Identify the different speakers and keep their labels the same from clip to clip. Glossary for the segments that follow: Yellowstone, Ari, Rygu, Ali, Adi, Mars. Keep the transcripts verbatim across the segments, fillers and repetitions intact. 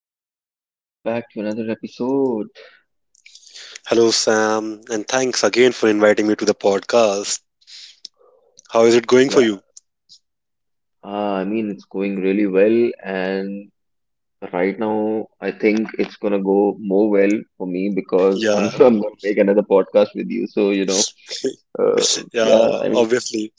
Speaker 1: Adi, welcome back to another episode.
Speaker 2: Hello, Sam, and thanks again for inviting me to the podcast. How is it going for
Speaker 1: Yeah,
Speaker 2: you?
Speaker 1: uh, I mean, it's going really well, and right now, I think it's gonna go more well for me because I'm,
Speaker 2: Yeah,
Speaker 1: I'm gonna make another podcast with you. So, you know, uh,
Speaker 2: yeah,
Speaker 1: yeah, I mean,
Speaker 2: obviously.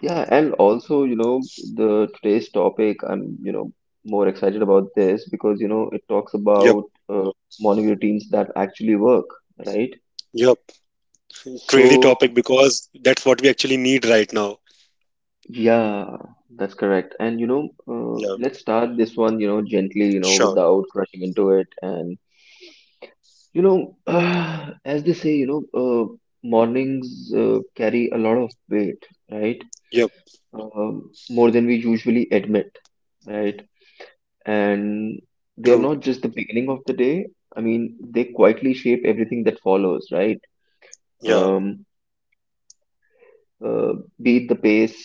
Speaker 1: yeah, and also, you know, the today's topic, I'm, you know, more excited about this because, you know, it talks
Speaker 2: Yep,
Speaker 1: about uh, morning routines that actually work, right?
Speaker 2: yep. Crazy
Speaker 1: So,
Speaker 2: topic because that's what we actually need right now.
Speaker 1: Yeah, that's correct. And you know, uh,
Speaker 2: Yeah,
Speaker 1: let's start this one, you know, gently, you know,
Speaker 2: sure.
Speaker 1: without rushing into it. And you know, as they say, you know, uh, mornings uh, carry a lot of weight, right?
Speaker 2: Yep,
Speaker 1: Um, more than we usually admit, right? And they're
Speaker 2: true.
Speaker 1: not just the beginning of the day. I mean, they quietly shape everything that follows, right?
Speaker 2: Yeah,
Speaker 1: Um, uh, be it the pace,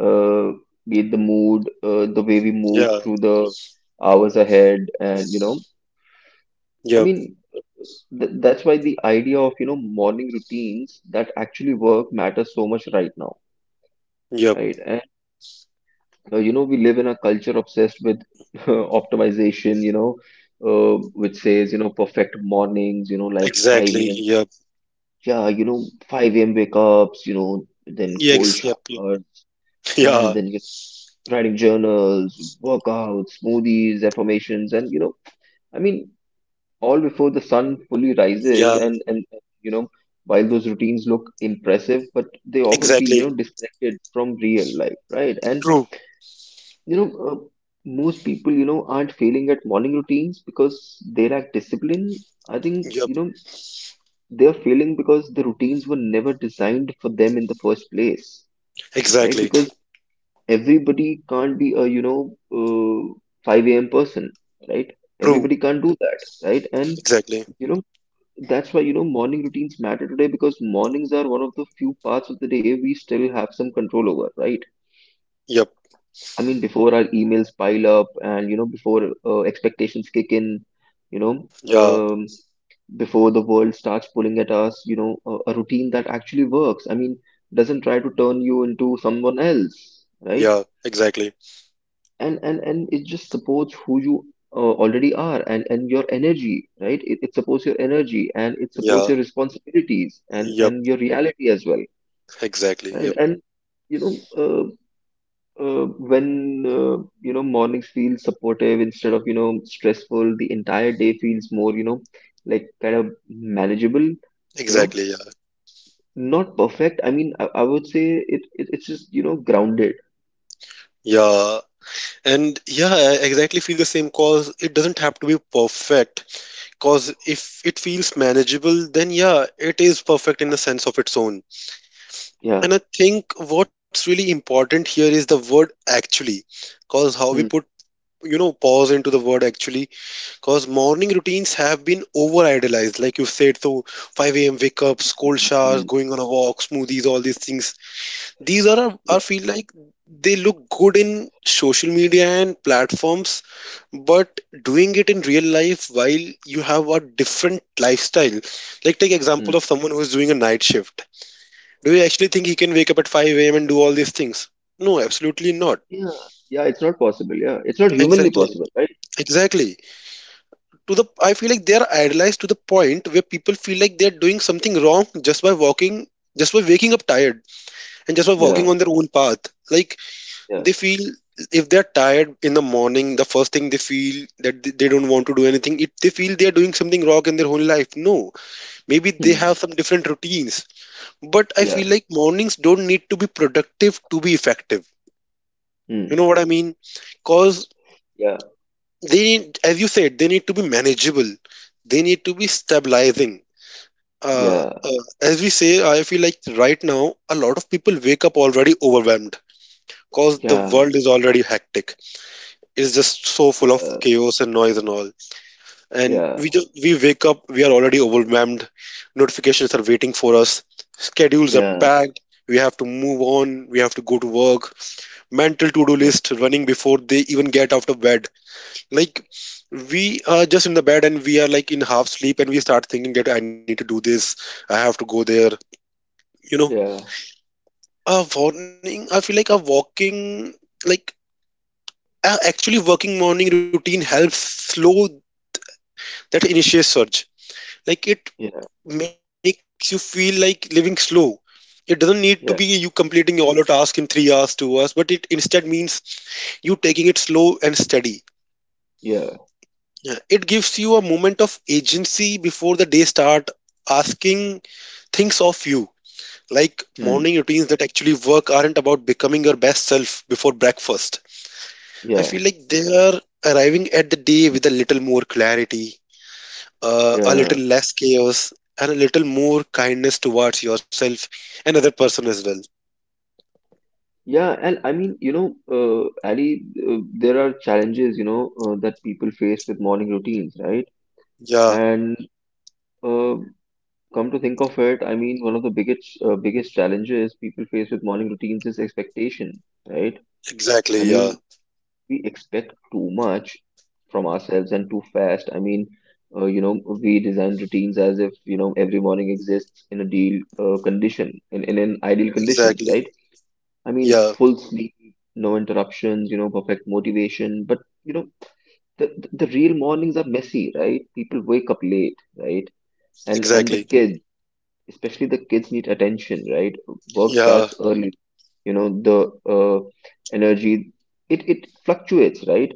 Speaker 1: uh, be it the mood, uh, the way we move
Speaker 2: yeah,
Speaker 1: through the hours ahead, and you know, I
Speaker 2: yep,
Speaker 1: mean, th- that's why the idea of you know morning routines that actually work matters so much right now,
Speaker 2: yep.
Speaker 1: right? And uh, you know, we live in a culture obsessed with optimization, you know, uh, which says you know perfect mornings, you know, like 5
Speaker 2: Exactly.
Speaker 1: a.m.
Speaker 2: Yep.
Speaker 1: Yeah, you know, five a m wake ups, you know, then cold
Speaker 2: Yes, yep, yep.
Speaker 1: showers, and
Speaker 2: Yeah,
Speaker 1: then you writing journals, workouts, smoothies, affirmations, and you know, I mean, all before the sun fully
Speaker 2: yeah,
Speaker 1: rises, and and you know, while those routines look impressive, but they often feel you
Speaker 2: exactly.
Speaker 1: know disconnected from real life, right? And
Speaker 2: True.
Speaker 1: you know, uh, most people you know aren't failing at morning routines because they lack discipline. I think
Speaker 2: Yep,
Speaker 1: you know they're failing because the routines were never designed for them in the first place, right?
Speaker 2: exactly.
Speaker 1: Because everybody can't be a you know uh, five a.m person, right?
Speaker 2: True.
Speaker 1: Everybody can't do that, right? And
Speaker 2: Exactly.
Speaker 1: you know that's why you know morning routines matter today because mornings are one of the few parts of the day we still have some control over, right?
Speaker 2: Yep,
Speaker 1: I mean before our emails pile up and you know before uh, expectations kick in, you know.
Speaker 2: yeah,
Speaker 1: um, Before the world starts pulling at us you know a, a routine that actually works I mean doesn't try to turn you into someone else, right?
Speaker 2: yeah, exactly.
Speaker 1: And and and it just supports who you uh, already are and and your energy, right? It, it supports your energy and it supports
Speaker 2: Yeah,
Speaker 1: your responsibilities and
Speaker 2: yep,
Speaker 1: and your reality as well,
Speaker 2: exactly.
Speaker 1: right?
Speaker 2: Yep,
Speaker 1: And you know uh, uh, when uh, you know mornings feel supportive instead of you know stressful the entire day feels more you know like kind of manageable, you know,
Speaker 2: exactly.
Speaker 1: not perfect. I mean i, I would say it, it it's just you know grounded.
Speaker 2: Yeah, and yeah, I exactly feel the same cause it doesn't have to be perfect. Cause if it feels manageable, then yeah, it is perfect in a sense of its own. And
Speaker 1: Yeah.
Speaker 2: I think what's really important here is the word actually. Cause how we
Speaker 1: Hmm.
Speaker 2: put, you know, pause into the word actually. Cause morning routines have been over idealized, like you said. So five a m wake ups, cold showers,
Speaker 1: Hmm.
Speaker 2: going on a walk, smoothies, all these things these are a-
Speaker 1: Yeah.
Speaker 2: I feel like they look good in social media and platforms, but doing it in real life while you have a different lifestyle. Like take example of someone who is doing a night shift. Do you actually think he can wake up at five a m and do all these things? No, absolutely not.
Speaker 1: Yeah, yeah, it's not possible. Yeah, it's not humanly
Speaker 2: Exactly.
Speaker 1: possible, right?
Speaker 2: Exactly. To the I feel like they are idolized to the point where people feel like they're doing something wrong just by walking just by waking up tired and just by walking
Speaker 1: Yeah,
Speaker 2: on their own path. Like
Speaker 1: yeah,
Speaker 2: they feel if they're tired in the morning, the first thing they feel, that th- they don't want to do anything, if they feel they're doing something wrong in their whole life. No, maybe they
Speaker 1: hmm,
Speaker 2: have some different routines, but I feel
Speaker 1: yeah,
Speaker 2: like mornings don't need to be productive to be effective, you
Speaker 1: hmm,
Speaker 2: know what I mean? Cause
Speaker 1: yeah,
Speaker 2: they need, as you said, they need to be manageable, they need to be stabilizing. uh,
Speaker 1: yeah,
Speaker 2: uh, as we say, I feel like right now a lot of people wake up already overwhelmed cause the
Speaker 1: yeah,
Speaker 2: world is already hectic, is just so full of
Speaker 1: yeah,
Speaker 2: chaos and noise and all. And we just we wake up, we are already overwhelmed. Notifications are waiting for us. Schedules are
Speaker 1: yeah,
Speaker 2: packed. We have to move on. We have to go to work. Mental to-do
Speaker 1: yeah,
Speaker 2: list running before they even get out of bed. Like we are just in the bed and we are like in half sleep and we start thinking that I need to do this. I have to go there. You know,
Speaker 1: yeah, yeah,
Speaker 2: a morning. I feel like a walking like a actually working morning routine helps slow that initial surge, like it
Speaker 1: yeah,
Speaker 2: makes you feel like living slow. It doesn't need to be you
Speaker 1: yeah,
Speaker 2: completing all your task in 3 hours 2 hours, but it instead means you taking it slow and steady.
Speaker 1: yeah,
Speaker 2: Yeah, it gives you a moment of agency before the day start asking things of you. Like
Speaker 1: hmm,
Speaker 2: morning routines that actually work aren't about becoming your best self before breakfast. I
Speaker 1: yeah,
Speaker 2: feel like they are arriving at the day with a little more clarity, uh, a
Speaker 1: yeah,
Speaker 2: little less chaos, and a little more kindness towards yourself and other person as well.
Speaker 1: yeah. And I mean, you know, uh, Ali, uh, there are challenges, you know, uh, that people face with morning routines, right?
Speaker 2: Yeah,
Speaker 1: And uh, come to think of it, I mean, one of the biggest, uh, biggest challenges people face with morning routines is expectation, right? I
Speaker 2: exactly.
Speaker 1: mean,
Speaker 2: Yeah,
Speaker 1: we expect too much from ourselves and too fast. I mean, uh, you know, we design routines as if, you know, every morning exists in a deal uh, condition, in, in an ideal conditions,
Speaker 2: exactly.
Speaker 1: right? I mean,
Speaker 2: Yeah,
Speaker 1: full sleep, no interruptions, you know, perfect motivation. But, you know, the, the the real mornings are messy, right? People wake up late, right? And, and the
Speaker 2: exactly.
Speaker 1: kids, especially the kids need attention, right? Work
Speaker 2: Yeah,
Speaker 1: starts early, you know, the uh, energy, it, it fluctuates, right?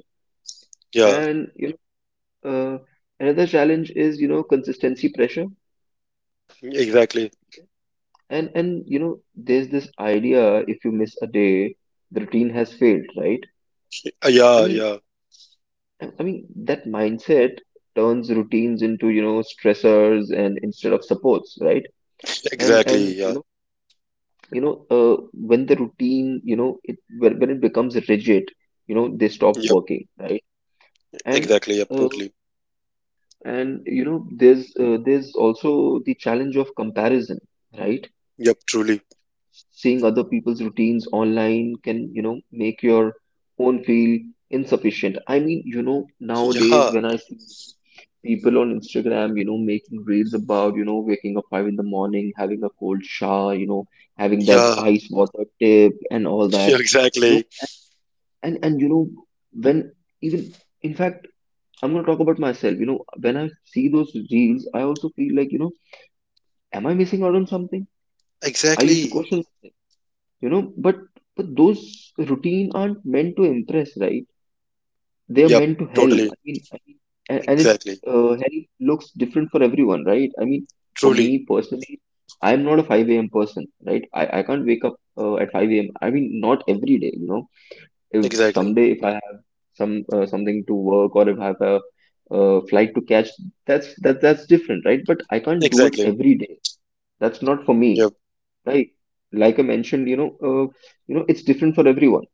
Speaker 2: yeah,
Speaker 1: and you uh, Another challenge is you know consistency pressure.
Speaker 2: exactly.
Speaker 1: and and you know there's this idea if you miss a day the routine has failed, right?
Speaker 2: Uh,
Speaker 1: I
Speaker 2: yeah,
Speaker 1: mean
Speaker 2: yeah,
Speaker 1: i I mean that mindset turns routines into you know stressors and instead of supports, right? and and
Speaker 2: exactly.
Speaker 1: you
Speaker 2: Yeah,
Speaker 1: know you know uh, when the routine you know it when, when it becomes rigid you know they stop
Speaker 2: yep,
Speaker 1: working, right? And
Speaker 2: exactly. Yep,
Speaker 1: uh,
Speaker 2: totally.
Speaker 1: and you know there's uh, there's also the challenge of comparison, right?
Speaker 2: Yep, truly.
Speaker 1: Seeing other people's routines online can you know make your own feel insufficient. I mean you know
Speaker 2: Yeah,
Speaker 1: nowadays when I see people on Instagram you know making reels about you know waking up five in the morning having a cold shower you know having that
Speaker 2: yeah,
Speaker 1: ice water tip and all
Speaker 2: yeah,
Speaker 1: that, you know.
Speaker 2: exactly.
Speaker 1: And and you know when even in fact I'm going to talk about myself, you know, when I see those reels I also feel like you know am I missing out on something. I used to
Speaker 2: Exactly.
Speaker 1: question, you know, but but those routine aren't meant to impress, right? They are
Speaker 2: Yep,
Speaker 1: meant to help.
Speaker 2: totally.
Speaker 1: I mean, I mean a- and it
Speaker 2: Exactly.
Speaker 1: uh, help looks different for everyone, right? I mean for me
Speaker 2: Truly.
Speaker 1: personally I'm not a five a.m person, right? I, I can't wake up uh, at five a.m, I mean not every day, you know. If
Speaker 2: Exactly.
Speaker 1: someday if I have some uh, something to work or if I have a uh, flight to catch that's that that's different, right? But I can't do it
Speaker 2: Exactly.
Speaker 1: every day, that's not for me,
Speaker 2: Yep,
Speaker 1: right? Like I mentioned, you know, uh, you know it's different for everyone.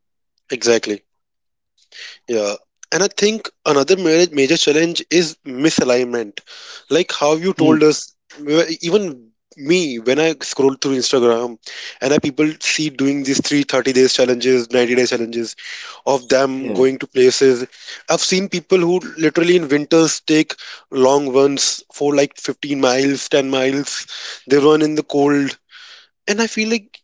Speaker 2: exactly. Yeah. And I think another major, major challenge is misalignment. Like how you
Speaker 1: Hmm.
Speaker 2: told us, we- even me, when I scroll through Instagram and I people see doing these three thirty days challenges, 90 day challenges of them
Speaker 1: Yeah,
Speaker 2: going to places. I've seen people who literally in winters take long runs for like 15 miles, 10 miles. They run in the cold. And I feel like,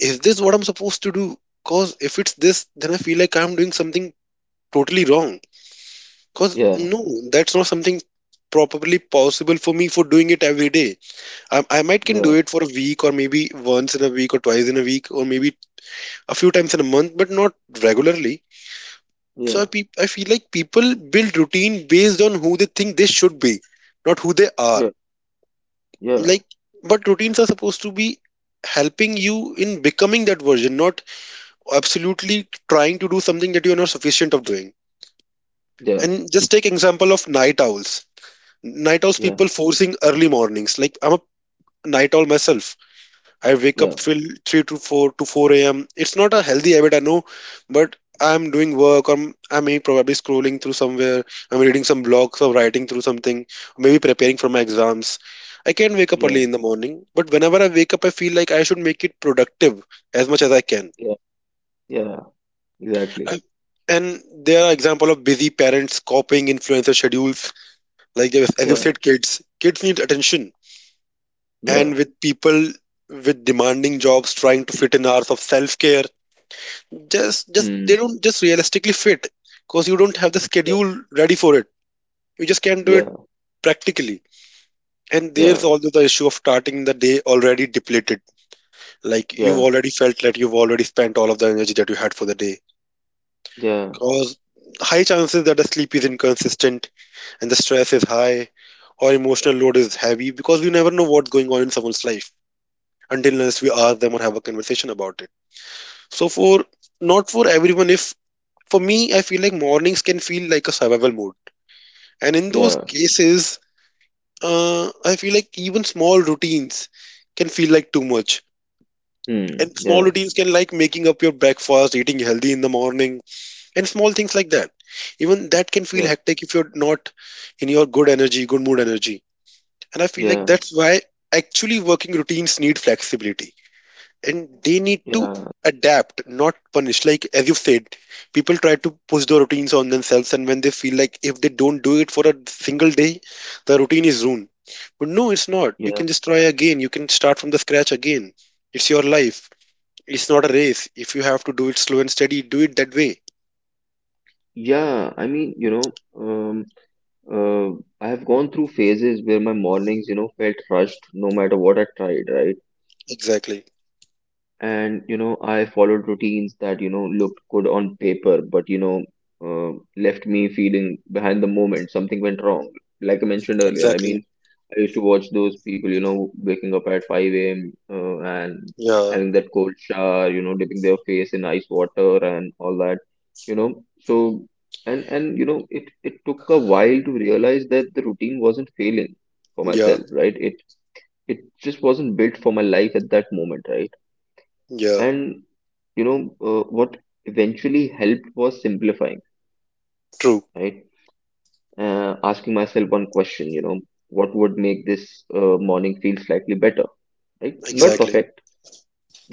Speaker 2: is this what I'm supposed to do? Because if it's this, then I feel like I'm doing something totally wrong. Cause
Speaker 1: yeah,
Speaker 2: no, that's not something probably possible for me for doing it every day. I, I might can do
Speaker 1: yeah,
Speaker 2: it for a week or maybe once in a week or twice in a week or maybe a few times in a month, but not regularly. So I,
Speaker 1: yeah,
Speaker 2: pe- I feel like people build routine based on who they think they should be, not who they are.
Speaker 1: yeah, yeah,
Speaker 2: Like, but routines are supposed to be helping you in becoming that version, not absolutely trying to do something that you are not sufficient of doing.
Speaker 1: yeah,
Speaker 2: And just take example of night owls, night owls
Speaker 1: yeah,
Speaker 2: people forcing early mornings. Like I'm a night owl myself. I wake up
Speaker 1: yeah,
Speaker 2: till three to four to four a m a.m. It's not a healthy habit, I know, but I'm doing work, or I'm, I may probably scrolling through somewhere, I'm reading some blogs or writing through something, maybe preparing for my exams. I can wake up
Speaker 1: yeah,
Speaker 2: early in the morning, but whenever I wake up, I feel like I should make it productive as much as I can.
Speaker 1: yeah, yeah, exactly.
Speaker 2: I- and there are example of busy parents copying influencer schedules. Like they- as you
Speaker 1: Yeah,
Speaker 2: said, kids, kids need attention, and
Speaker 1: yeah,
Speaker 2: with people with demanding jobs trying to fit in hours of self-care, just just
Speaker 1: hmm,
Speaker 2: they don't just realistically fit because you don't have the
Speaker 1: yeah,
Speaker 2: schedule ready for it. You just can't do it
Speaker 1: yeah,
Speaker 2: practically. And there's
Speaker 1: yeah,
Speaker 2: also the issue of starting the day already depleted. Like you've
Speaker 1: yeah,
Speaker 2: already felt that you've already spent all of the energy that you had for the day,
Speaker 1: yeah,
Speaker 2: because high chances that the sleep is inconsistent and the stress is high, or emotional load is heavy because we never know what's going on in someone's life until unless we ask them or have a conversation about it. So for not for everyone, if for me, I feel like mornings can feel like a survival mode, and in those
Speaker 1: yeah,
Speaker 2: cases, uh, I feel like even small routines can feel like too much.
Speaker 1: hmm,
Speaker 2: And small
Speaker 1: yeah,
Speaker 2: routines can like making up your breakfast, eating healthy in the morning, and small things like that. Even that can feel
Speaker 1: yeah,
Speaker 2: hectic if you're not in your good energy, good mood energy. And I feel like
Speaker 1: yeah,
Speaker 2: that's why actually working routines need flexibility and they need to
Speaker 1: yeah,
Speaker 2: adapt, not punish. Like as you said, people try to push their routines on themselves, and when they feel like if they don't do it for a single day, the routine is ruined. But no, it's not. You
Speaker 1: yeah,
Speaker 2: can just try again. You can start from the scratch again. It's your life. It's not a race. If you have to do it slow and steady, do it that way.
Speaker 1: yeah. I mean, you know, um, uh, I have gone through phases where my mornings, you know, felt rushed no matter what I tried, right?
Speaker 2: Exactly.
Speaker 1: And you know I followed routines that you know looked good on paper but you know uh, left me feeling behind the moment something went wrong. Like I mentioned earlier, I mean
Speaker 2: Exactly.
Speaker 1: I used to watch those people you know waking up at five a.m uh, and
Speaker 2: Yeah.
Speaker 1: having that cold shower you know dipping their face in ice water and all that, you know. So and and you know it it took a while to realize that the routine wasn't failing for
Speaker 2: Yeah.
Speaker 1: myself, right? It it just wasn't built for my life at that moment, right?
Speaker 2: Yeah.
Speaker 1: And you know uh, what eventually helped was simplifying,
Speaker 2: True.
Speaker 1: right? Uh, asking myself one question, you know, what would make this uh, morning feel slightly better, right? Not
Speaker 2: Exactly.
Speaker 1: perfect,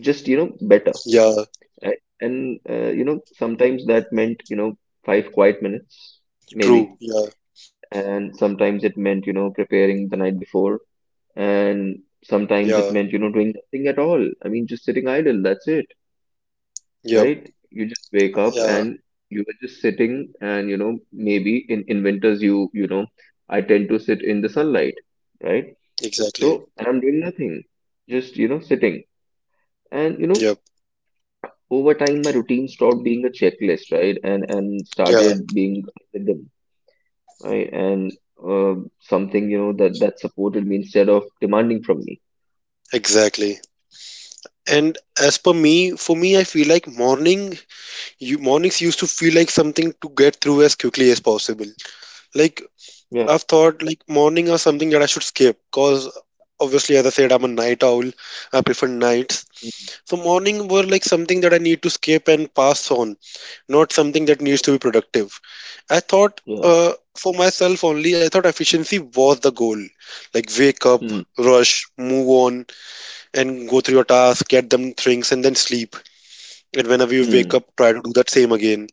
Speaker 1: just you know better,
Speaker 2: Yeah.
Speaker 1: right? And uh, you know sometimes that meant you know five quiet minutes maybe,
Speaker 2: True. Yeah.
Speaker 1: and sometimes it meant you know preparing the night before, and sometimes
Speaker 2: Yeah.
Speaker 1: it meant you know doing nothing at all. I mean just sitting idle, that's it,
Speaker 2: Yep.
Speaker 1: right? You just wake up
Speaker 2: Yeah.
Speaker 1: and you were just sitting, and you know, maybe in, in winters, you, you know, I tend to sit in the sunlight, right?
Speaker 2: Exactly.
Speaker 1: So, and I'm doing nothing, just, you know, sitting. And, you know,
Speaker 2: Yep.
Speaker 1: over time, my routine stopped being a checklist, right? And, and
Speaker 2: Yeah.
Speaker 1: started being a rhythm, right? And um something, you know, that, that supported me instead of demanding from me.
Speaker 2: Exactly. And as per me, for me, I feel like morning, you mornings used to feel like something to get through as quickly as possible. Like
Speaker 1: Yeah.
Speaker 2: I've thought, like morning are something that I should skip, cause obviously, as I said, I'm a night owl. I prefer nights.
Speaker 1: Mm.
Speaker 2: So morning were like something that I need to skip and pass on, not something that needs to be productive. I thought,
Speaker 1: Yeah.
Speaker 2: uh, for myself only, I thought efficiency was the goal. Like wake up,
Speaker 1: Mm,
Speaker 2: rush, move on, and go through your tasks, get them things, and then sleep. And whenever you wake
Speaker 1: mm,
Speaker 2: up, try to do that same again.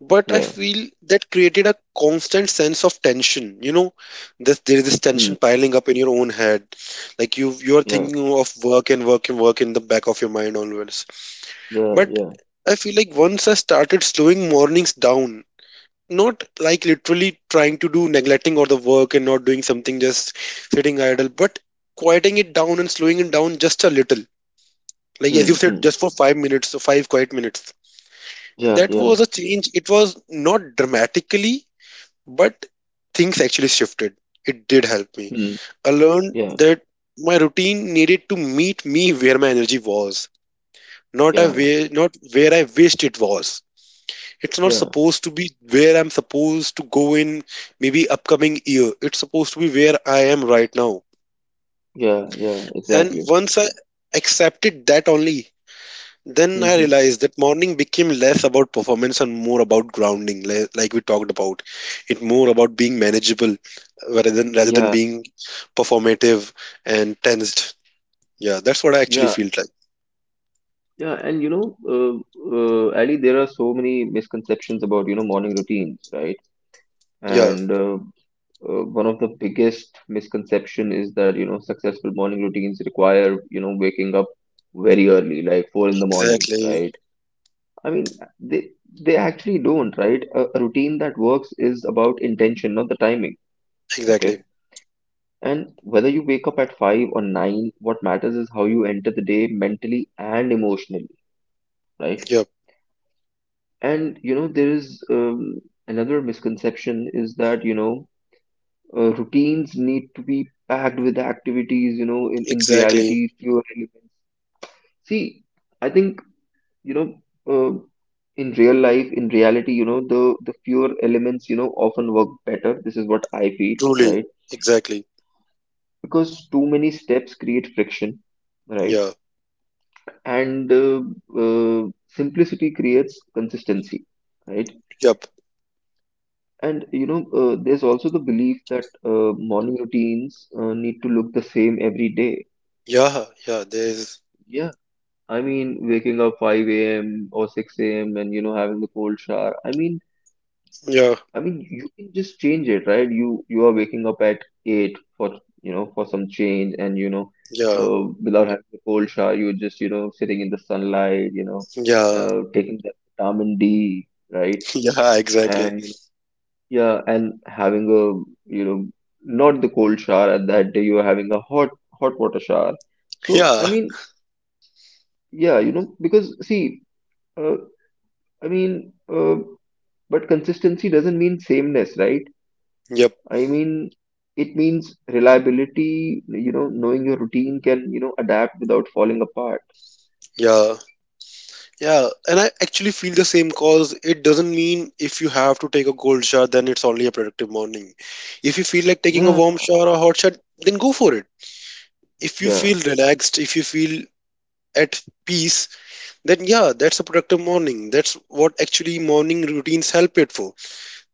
Speaker 2: But I
Speaker 1: yeah.
Speaker 2: feel that created a constant sense of tension. You know, this, there is this
Speaker 1: Mm,
Speaker 2: tension piling up in your own head. Like you, you are
Speaker 1: yeah.
Speaker 2: thinking of work and work and work in the back of your mind always.
Speaker 1: Yeah.
Speaker 2: But
Speaker 1: Yeah.
Speaker 2: I feel like once I started slowing mornings down, not like literally trying to do neglecting all the work and not doing something, just sitting idle, but quieting it down and slowing it down just a little, like as you
Speaker 1: Mm,
Speaker 2: said,
Speaker 1: mm,
Speaker 2: just for five minutes, so five quiet minutes.
Speaker 1: yeah.
Speaker 2: That was
Speaker 1: Yeah.
Speaker 2: a change. It was not dramatically, but things actually shifted. It did help me.
Speaker 1: Mm,
Speaker 2: I learned
Speaker 1: yeah.
Speaker 2: that my routine needed to meet me where my energy was, not a
Speaker 1: Yeah,
Speaker 2: way not where I wished it was. It's not
Speaker 1: yeah,
Speaker 2: supposed to be where I'm supposed to go in maybe upcoming year. It's supposed to be where I am right now.
Speaker 1: yeah, yeah,
Speaker 2: And
Speaker 1: exactly.
Speaker 2: once I accepted that only, then I
Speaker 1: Hmm.
Speaker 2: realized that morning became less about performance and more about grounding, li- like we talked about. It more about being manageable, uh, rather than rather than
Speaker 1: Yeah,
Speaker 2: being performative and tensed. Yeah, that's what I actually
Speaker 1: yeah,
Speaker 2: feel like.
Speaker 1: yeah. And you know, uh, uh, Ali, there are so many misconceptions about, you know, morning routines, right?
Speaker 2: Yeah,
Speaker 1: And uh, uh, one of the biggest misconception is that, you know, successful morning routines require, you know, waking up very early, like four in the morning,
Speaker 2: exactly,
Speaker 1: right? I mean, they they actually don't, right? A, a routine that works is about intention, not the timing.
Speaker 2: exactly.
Speaker 1: Okay. And whether you wake up at five or nine, what matters is how you enter the day mentally and emotionally, right?
Speaker 2: Yep,
Speaker 1: And you know, there is um, another misconception is that you know, uh, routines need to be packed with activities, you know, in, in
Speaker 2: exactly.
Speaker 1: reality, fewer elements. See, I think you know, uh, in real life, in reality, you know, the, the fewer elements, you know, often work better. This is what I feel,
Speaker 2: Truly,
Speaker 1: right?
Speaker 2: exactly.
Speaker 1: Because too many steps create friction, right?
Speaker 2: Yeah,
Speaker 1: And uh, uh, simplicity creates consistency, right?
Speaker 2: yep,
Speaker 1: And you know uh, there's also the belief that uh, morning routines uh, need to look the same every day.
Speaker 2: yeah, yeah. There's
Speaker 1: Yeah, I mean, waking up five a m or six a m and you know having the cold shower, I mean.
Speaker 2: Yeah,
Speaker 1: I mean, you can just change it, right? You you are waking up at eight for you know for some change, and you know
Speaker 2: yeah,
Speaker 1: uh, without having the cold shower, you're just you know sitting in the sunlight, you know
Speaker 2: yeah,
Speaker 1: uh, taking that vitamin D, right?
Speaker 2: yeah. Exactly.
Speaker 1: And yeah, and having a you know not the cold shower at that day, you are having a hot hot water shower, so I
Speaker 2: Yeah,
Speaker 1: mean, yeah, you know because, see, uh, I mean, uh, but consistency doesn't mean sameness, right?
Speaker 2: yep,
Speaker 1: I mean, it means reliability, you know knowing your routine can you know adapt without falling apart.
Speaker 2: yeah. Yeah, and I actually feel the same cause it doesn't mean if you have to take a cold shower, then it's only a productive morning. If you feel like taking a
Speaker 1: Yeah,
Speaker 2: warm shower or hot shower, then go for it. If you
Speaker 1: yeah,
Speaker 2: feel relaxed, if you feel at peace, then yeah, that's a productive morning. That's what actually morning routines help it for.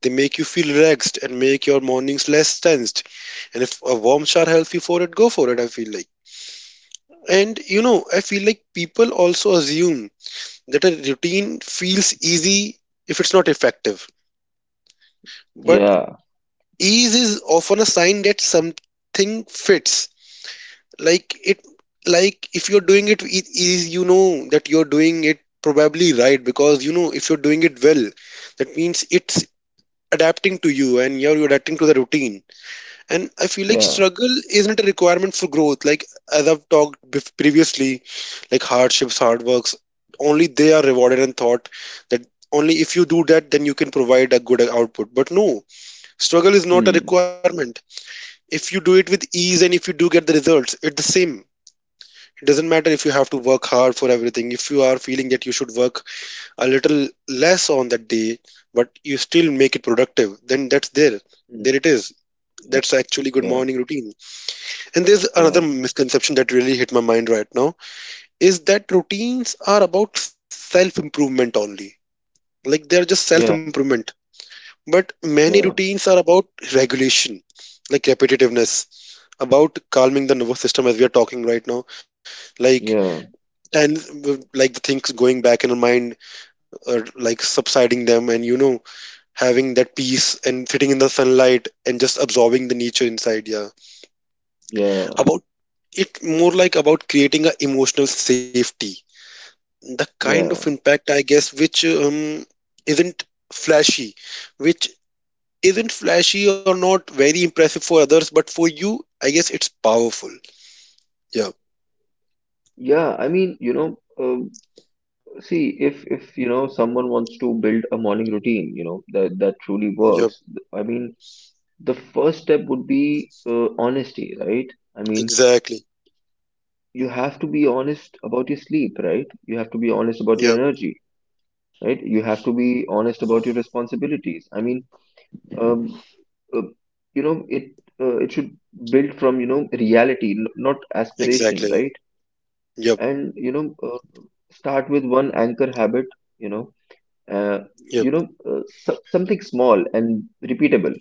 Speaker 2: They make you feel relaxed and make your mornings less tensed. And if a warm shower helps you for it, go for it, I feel like. And you know, I feel like people also assume that a routine feels easy if it's not effective. But
Speaker 1: yeah,
Speaker 2: ease is often a sign that something fits. Like it, like if you're doing it with ease, you know that you're doing it probably right because you know if you're doing it well, that means it's adapting to you and you're you're adapting to the routine. And I feel like
Speaker 1: yeah.
Speaker 2: struggle isn't a requirement for growth. Like as I've talked bef- previously, like hardships, hard works, only they are rewarded and thought that only if you do that, then you can provide a good output. But no, struggle is not a
Speaker 1: Hmm.
Speaker 2: requirement. If you do it with ease and if you do get the results, it's the same. It doesn't matter if you have to work hard for everything. If you are feeling that you should work a little less on that day, but you still make it productive, then that's there.
Speaker 1: Hmm,
Speaker 2: There it is.
Speaker 1: yeah,
Speaker 2: That's actually good
Speaker 1: yeah,
Speaker 2: morning routine. And there's
Speaker 1: yeah,
Speaker 2: another misconception that really hit my mind right now is that routines are about self improvement only. Like they're just
Speaker 1: yeah,
Speaker 2: self improvement. But many
Speaker 1: yeah,
Speaker 2: routines are about regulation, like repetitiveness, about calming the nervous system as we are talking right now. Like,
Speaker 1: yeah,
Speaker 2: and like the things going back in our mind, or like subsiding them, and you know, having that peace and sitting in the sunlight and just absorbing the nature inside. Yeah.
Speaker 1: yeah,
Speaker 2: About It more like about creating a emotional safety. The kind of
Speaker 1: yeah.
Speaker 2: impact, I guess, which um, isn't flashy, which isn't flashy or not very impressive for others, but for you, I guess it's powerful. Yeah.
Speaker 1: Yeah, I mean, you know, um, see, if if you know someone wants to build a morning routine, you know, that that truly
Speaker 2: Yep.
Speaker 1: works. th- I mean, the first step would be uh, honesty, right? I mean,
Speaker 2: Exactly.
Speaker 1: you have to be honest about your sleep, right? You have to be honest about your
Speaker 2: Yep.
Speaker 1: energy, right? You have to be honest about your responsibilities. I mean, um, uh, you know, it uh, it should build from, you know, reality, n not aspiration,
Speaker 2: Exactly.
Speaker 1: right?
Speaker 2: Yep.
Speaker 1: And you know, uh, start with one anchor habit, you know uh,
Speaker 2: Yep.
Speaker 1: you know, uh, so- something small and repeatable,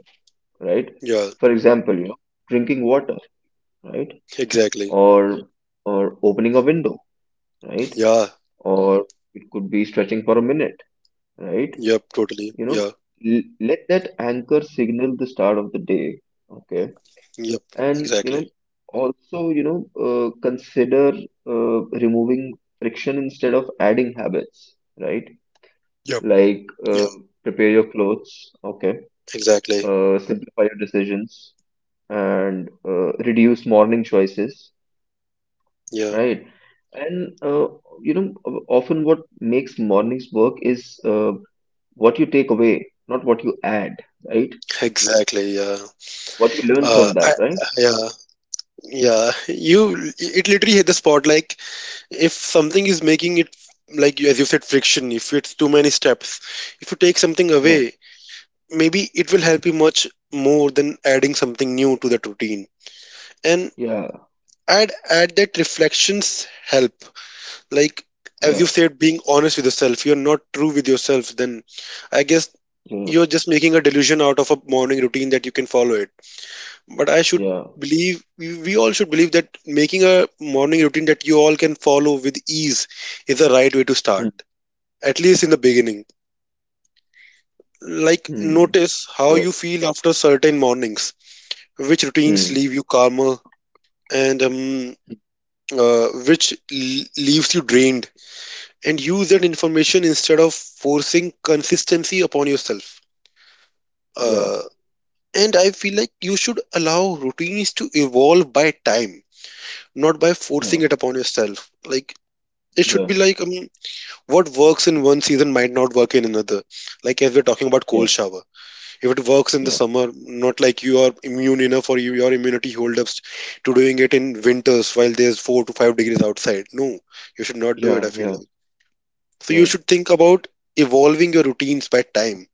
Speaker 1: right?
Speaker 2: Yeah.
Speaker 1: For example, you know, drinking water, right?
Speaker 2: Exactly.
Speaker 1: Or or opening a window, right?
Speaker 2: Yeah.
Speaker 1: Or it could be stretching for a minute, right?
Speaker 2: Yep. Totally.
Speaker 1: You know,
Speaker 2: Yeah.
Speaker 1: l- Let that anchor signal the start of the day, okay?
Speaker 2: Yep.
Speaker 1: And you know,
Speaker 2: Exactly.
Speaker 1: also, you know, uh, consider uh, removing friction instead of adding habits, right?
Speaker 2: Yep.
Speaker 1: Like, uh,
Speaker 2: Yeah.
Speaker 1: prepare your clothes, okay?
Speaker 2: Exactly.
Speaker 1: Uh, simplify your decisions and uh, reduce morning choices,
Speaker 2: Yeah.
Speaker 1: right? And uh, you know, o- often what makes mornings work is uh, what you take away, not what you add, right?
Speaker 2: Exactly. Yeah.
Speaker 1: What you learn
Speaker 2: Uh,
Speaker 1: from
Speaker 2: I,
Speaker 1: that, right?
Speaker 2: yeah. Yeah, you it literally hit the spot. Like if something is making it like as you said friction, if it's too many steps, if you take something
Speaker 1: Yeah,
Speaker 2: away, maybe it will
Speaker 1: yeah,
Speaker 2: help you much more than adding something new to that routine. And
Speaker 1: yeah,
Speaker 2: I'd add that reflections help. Like as you
Speaker 1: yeah,
Speaker 2: said, being honest with yourself. You're not true with yourself. Then I guess
Speaker 1: yeah.
Speaker 2: you're just making a delusion out of a morning routine that you can follow it. But I should
Speaker 1: Yeah.
Speaker 2: believe, we we all should believe that making a morning routine that you all can follow with ease is the right way to
Speaker 1: Hmm.
Speaker 2: start, at least in the beginning. Like,
Speaker 1: Hmm.
Speaker 2: notice
Speaker 1: That's
Speaker 2: how you
Speaker 1: correct.
Speaker 2: feel after certain mornings, which routines
Speaker 1: Hmm.
Speaker 2: leave you calmer, and um, uh, which l- leaves you drained, and use that information instead of forcing consistency upon yourself.
Speaker 1: Yeah,
Speaker 2: Uh, and I feel like you should allow routines to evolve by time not by
Speaker 1: yeah,
Speaker 2: forcing it upon yourself. Like it should
Speaker 1: yeah,
Speaker 2: be like um, what works in one season might not work in another. Like as we're talking about
Speaker 1: yeah,
Speaker 2: cold shower, if it works in the
Speaker 1: yeah,
Speaker 2: summer, not like you are immune enough or you, your immunity hold up to doing it in winters while there's four to five degrees outside. No, you should not do it.
Speaker 1: yeah,
Speaker 2: I feel
Speaker 1: yeah,
Speaker 2: like so you
Speaker 1: yeah,
Speaker 2: should think about evolving your routines by time.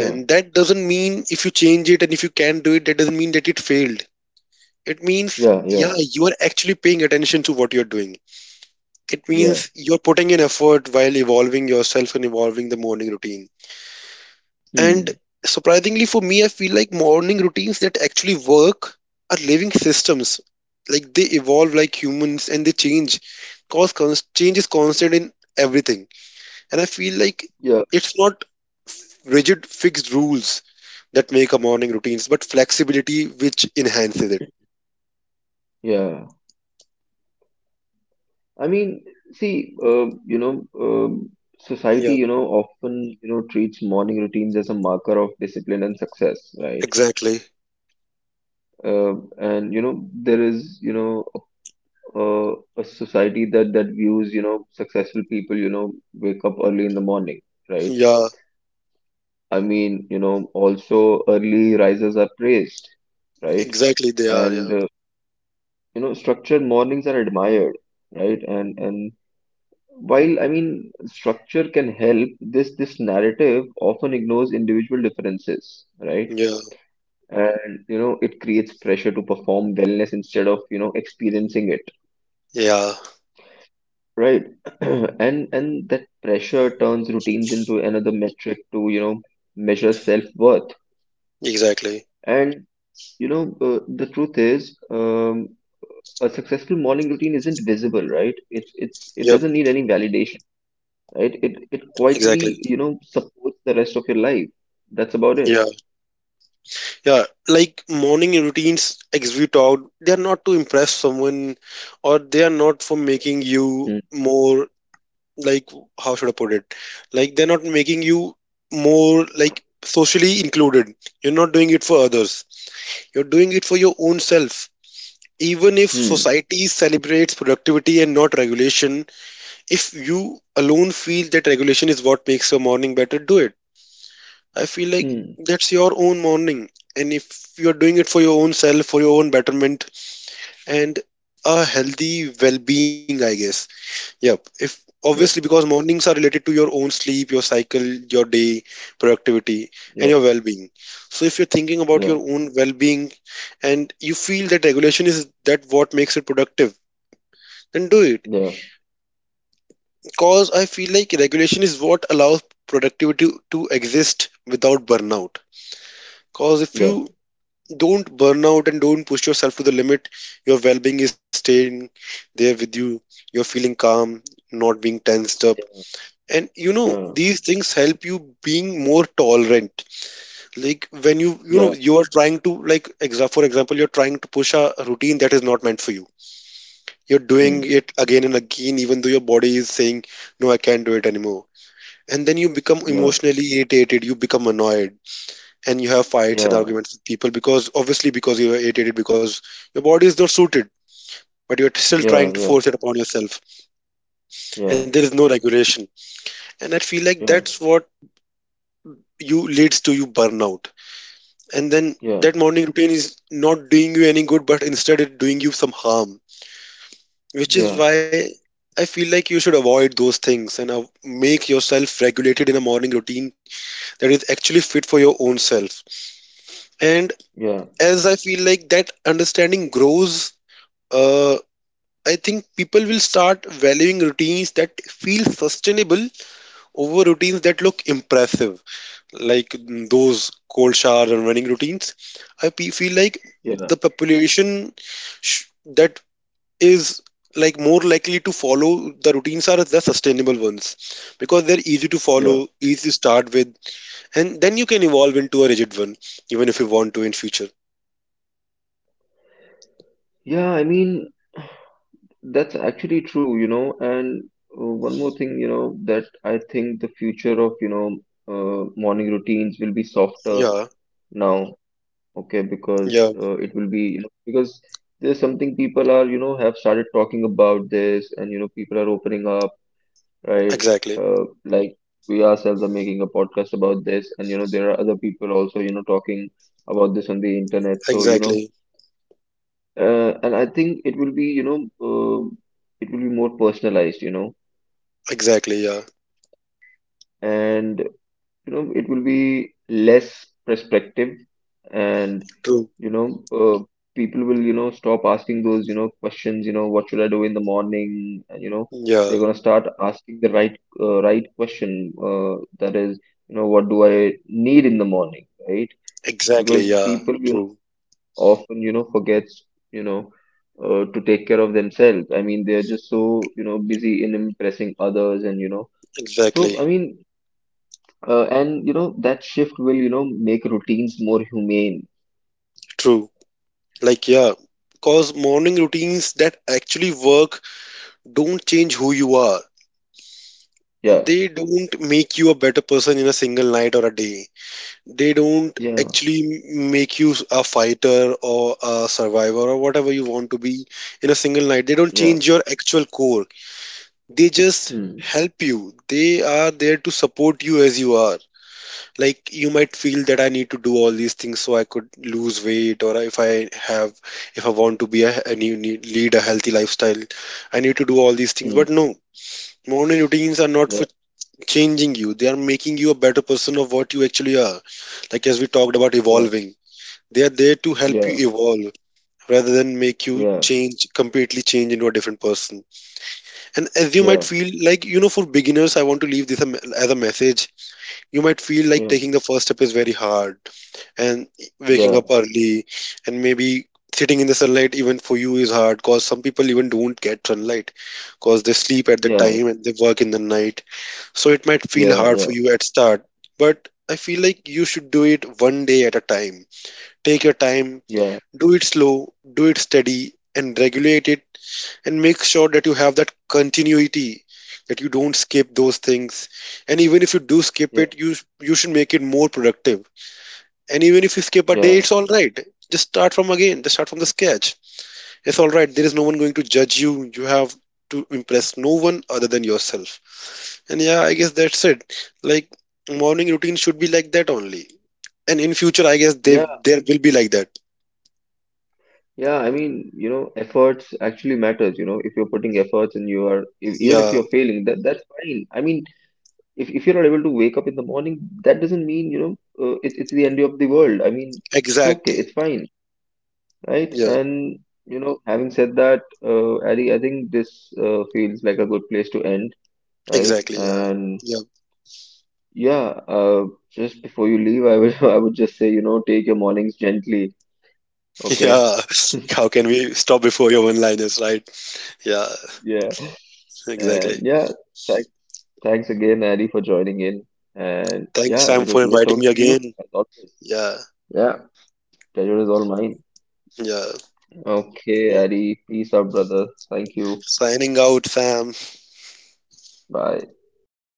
Speaker 1: yeah,
Speaker 2: that doesn't mean if you change it and if you can do it, that doesn't mean that it failed. It means,
Speaker 1: yeah, yeah,
Speaker 2: yeah, you are actually paying attention to what you're doing. It
Speaker 1: yeah.
Speaker 2: means you're putting in effort while evolving yourself and evolving the morning routine. And
Speaker 1: Hmm.
Speaker 2: surprisingly for me, I feel like morning routines that actually work are living systems. Like they evolve like humans and they change. Cause cons- change is constant in everything. And I feel like
Speaker 1: Yeah,
Speaker 2: it's not rigid fixed rules that make a morning routines, but flexibility which enhances it.
Speaker 1: yeah. I mean, see, uh, you know, um, society,
Speaker 2: Yeah,
Speaker 1: you know, often, you know, treats morning routines as a marker of discipline and success, right?
Speaker 2: exactly.
Speaker 1: Uh, and you know, there is, you know, a, a society that that views, you know, successful people, you know, wake up early in the morning, right?
Speaker 2: Yeah,
Speaker 1: I mean, you know, also, early risers are praised, right?
Speaker 2: exactly. They are.
Speaker 1: And
Speaker 2: Yeah,
Speaker 1: uh, you know, structured mornings are admired, right? And and While, I mean, structure can help, this this narrative often ignores individual differences, right?
Speaker 2: yeah,
Speaker 1: And you know it creates pressure to perform wellness instead of you know experiencing it,
Speaker 2: yeah,
Speaker 1: right? And and that pressure turns routines into another metric to you know measure self-worth.
Speaker 2: exactly.
Speaker 1: And you know uh, the truth is, um, a successful morning routine isn't visible, right? It's it's it
Speaker 2: Yep,
Speaker 1: doesn't need any validation, right? It it
Speaker 2: exactly.
Speaker 1: quietly, you know, supports the rest of your life. That's about it.
Speaker 2: Yeah, yeah. Like morning routines, as we talked, they are not to impress someone or they are not for making you
Speaker 1: Hmm.
Speaker 2: more, like, how should I put it? Like, they're not making you more, like, socially included. You're not doing it for others, you're doing it for your own self. Even if
Speaker 1: Hmm.
Speaker 2: society celebrates productivity and not regulation, if you alone feel that regulation is what makes your morning better, do it. I feel like
Speaker 1: Hmm.
Speaker 2: that's your own morning. And if you're doing it for your own self, for your own betterment, and a healthy well being, I guess. Yep. If obviously
Speaker 1: Yeah.
Speaker 2: because mornings are related to your own sleep, your cycle, your day, productivity, and
Speaker 1: Yeah.
Speaker 2: your well being. So if you're thinking about
Speaker 1: Yeah.
Speaker 2: your own well being and you feel that regulation is that what makes it productive, then do it.
Speaker 1: Yeah.
Speaker 2: Because I feel like regulation is what allows productivity to exist without burnout because if
Speaker 1: Yeah.
Speaker 2: you don't burn out and don't push yourself to the limit. Your well being is staying there with you. You're feeling calm, not being tensed up. And you know,
Speaker 1: Yeah.
Speaker 2: these things help you being more tolerant. Like when you, you know,
Speaker 1: Yeah.
Speaker 2: you are trying to, like, exa- for example, you're trying to push a routine that is not meant for you. You're doing
Speaker 1: Hmm.
Speaker 2: it again and again, even though your body is saying, no, I can't do it anymore. And then you become
Speaker 1: Yeah.
Speaker 2: emotionally irritated, you become annoyed and you have fights and
Speaker 1: Yeah.
Speaker 2: arguments with people because obviously because you are irritated because your body is not suited but you're still trying
Speaker 1: Yeah.
Speaker 2: to force
Speaker 1: Yeah.
Speaker 2: it upon yourself
Speaker 1: Yeah.
Speaker 2: and there is no regulation and I feel like
Speaker 1: Yeah.
Speaker 2: that's what you leads to you burnout. And then
Speaker 1: Yeah. Yeah.
Speaker 2: that morning routine is not doing you any good but instead it doing you some harm, which is
Speaker 1: Yeah.
Speaker 2: why I feel like you should avoid those things and uh, make yourself regulated in a morning routine that is actually fit for your own self. And as I feel like that understanding grows, uh, I think people will start valuing routines that feel sustainable over routines that look impressive, like mm, those cold shower and running routines. I pe- feel like
Speaker 1: Yeah.
Speaker 2: the population sh- that is like more likely to follow the routines are the sustainable ones because they're easy to
Speaker 1: Yeah.
Speaker 2: follow, easy to start with, and then you can evolve into a rigid one, even if you want to in future.
Speaker 1: Yeah. I mean, that's actually true, you know. And uh, one more thing, you know, that I think the future of, you know, uh, morning routines will be softer
Speaker 2: Yeah,
Speaker 1: now. Okay, because
Speaker 2: yeah,
Speaker 1: uh, it will be, you know, because there's something people are you know have started talking about this, and you know people are opening up, right.
Speaker 2: exactly,
Speaker 1: Uh, like, we ourselves are making a podcast about this, and you know there are other people also you know talking about this on the internet, so you know
Speaker 2: exactly,
Speaker 1: uh, and I think it will be you know uh, it will be more personalized, you know.
Speaker 2: exactly. Yeah,
Speaker 1: And you know it will be less perspective. And
Speaker 2: true.
Speaker 1: you know uh, people will you know stop asking those you know questions, you know what should I do in the morning, and you know
Speaker 2: Yeah.
Speaker 1: they're gonna start asking the right uh, right question, uh, that is, you know what do I need in the morning, right?
Speaker 2: Exactly,
Speaker 1: Because
Speaker 2: yeah,
Speaker 1: people you know
Speaker 2: true.
Speaker 1: often you know forgets, you know uh, to take care of themselves. I mean, they're just so you know busy in impressing others, and you know so, I
Speaker 2: Exactly,
Speaker 1: mean, uh, and you know that shift will you know make routines more humane.
Speaker 2: true. Like, yeah, because morning routines that actually work don't change who you are.
Speaker 1: Yeah,
Speaker 2: They don't make you a better person in a single night or a day. They don't
Speaker 1: yeah,
Speaker 2: actually m- make you a fighter or a survivor or whatever you want to be in a single night. They don't
Speaker 1: yeah.
Speaker 2: change your actual core. They just
Speaker 1: Hmm.
Speaker 2: help you. They are there to support you as you are. Like you might feel that I need to do all these things so I could lose weight, or if I have, if I want to be a and you need, lead a healthy lifestyle I need to do all these things,
Speaker 1: Hmm.
Speaker 2: but no, morning routines are not
Speaker 1: Yeah,
Speaker 2: for changing you, they are making you a better person of what you actually are, like as we talked about
Speaker 1: yeah,
Speaker 2: evolving, they are there to help
Speaker 1: yeah,
Speaker 2: you evolve rather than make you
Speaker 1: yeah,
Speaker 2: change completely, change into a different person. And as you might
Speaker 1: yeah,
Speaker 2: feel like, you know, for beginners I want to leave this a me- as a message, you might feel like
Speaker 1: yeah,
Speaker 2: taking the first step is very hard and waking
Speaker 1: yeah,
Speaker 2: up early and maybe sitting in the sunlight even for you is hard because some people even don't get sunlight because they sleep at the
Speaker 1: yeah,
Speaker 2: time and they work in the night, so it might feel
Speaker 1: yeah,
Speaker 2: hard
Speaker 1: yeah,
Speaker 2: for you at start, but I feel like you should do it one day at a time, take your time,
Speaker 1: yeah,
Speaker 2: do it slow, do it steady and regulate it, and make sure that you have that continuity, that you don't skip those things, and even if you do skip it, you you should make it more productive, and even if you skip a
Speaker 1: yeah,
Speaker 2: day
Speaker 1: yeah,
Speaker 2: it's all right, just start from again, just start from the sketch. It's all right, there is no one going to judge you, you have to impress no one other than yourself. And yeah, I guess that's it. Like morning routine should be like that only, and in future I guess they
Speaker 1: yeah,
Speaker 2: there will be like that.
Speaker 1: yeah. I mean, you know, efforts actually matters. You know, if you're putting efforts, and you are e- even
Speaker 2: Yeah,
Speaker 1: if you're failing, that that's fine. I mean, if if you're not able to wake up in the morning, that doesn't mean, you know uh, it's it's the end of the world. I mean, it's okay,
Speaker 2: exactly,
Speaker 1: it's fine. Right.
Speaker 2: yeah,
Speaker 1: And, you know, having said that, uh, Ari, I think this uh, feels like a good place to end, right?
Speaker 2: exactly, yeah,
Speaker 1: And
Speaker 2: yeah.
Speaker 1: yeah, uh, just before you leave, I would I would just say, you know, take your mornings gently,
Speaker 2: Yeah,
Speaker 1: okay?
Speaker 2: how can we stop before your one liners, right? Yeah,
Speaker 1: Yeah. And
Speaker 2: exactly.
Speaker 1: yeah, thanks thanks again, Ari, for joining in. And
Speaker 2: Thanks,
Speaker 1: yeah,
Speaker 2: Sam,
Speaker 1: it
Speaker 2: for
Speaker 1: was great
Speaker 2: inviting me
Speaker 1: talking to you
Speaker 2: again.
Speaker 1: as always.
Speaker 2: Yeah,
Speaker 1: Yeah, pleasure is all mine.
Speaker 2: yeah.
Speaker 1: Okay,
Speaker 2: Yeah.
Speaker 1: Ari, peace out, brother. Thank you.
Speaker 2: Signing out, Sam.
Speaker 1: Bye.
Speaker 2: Bye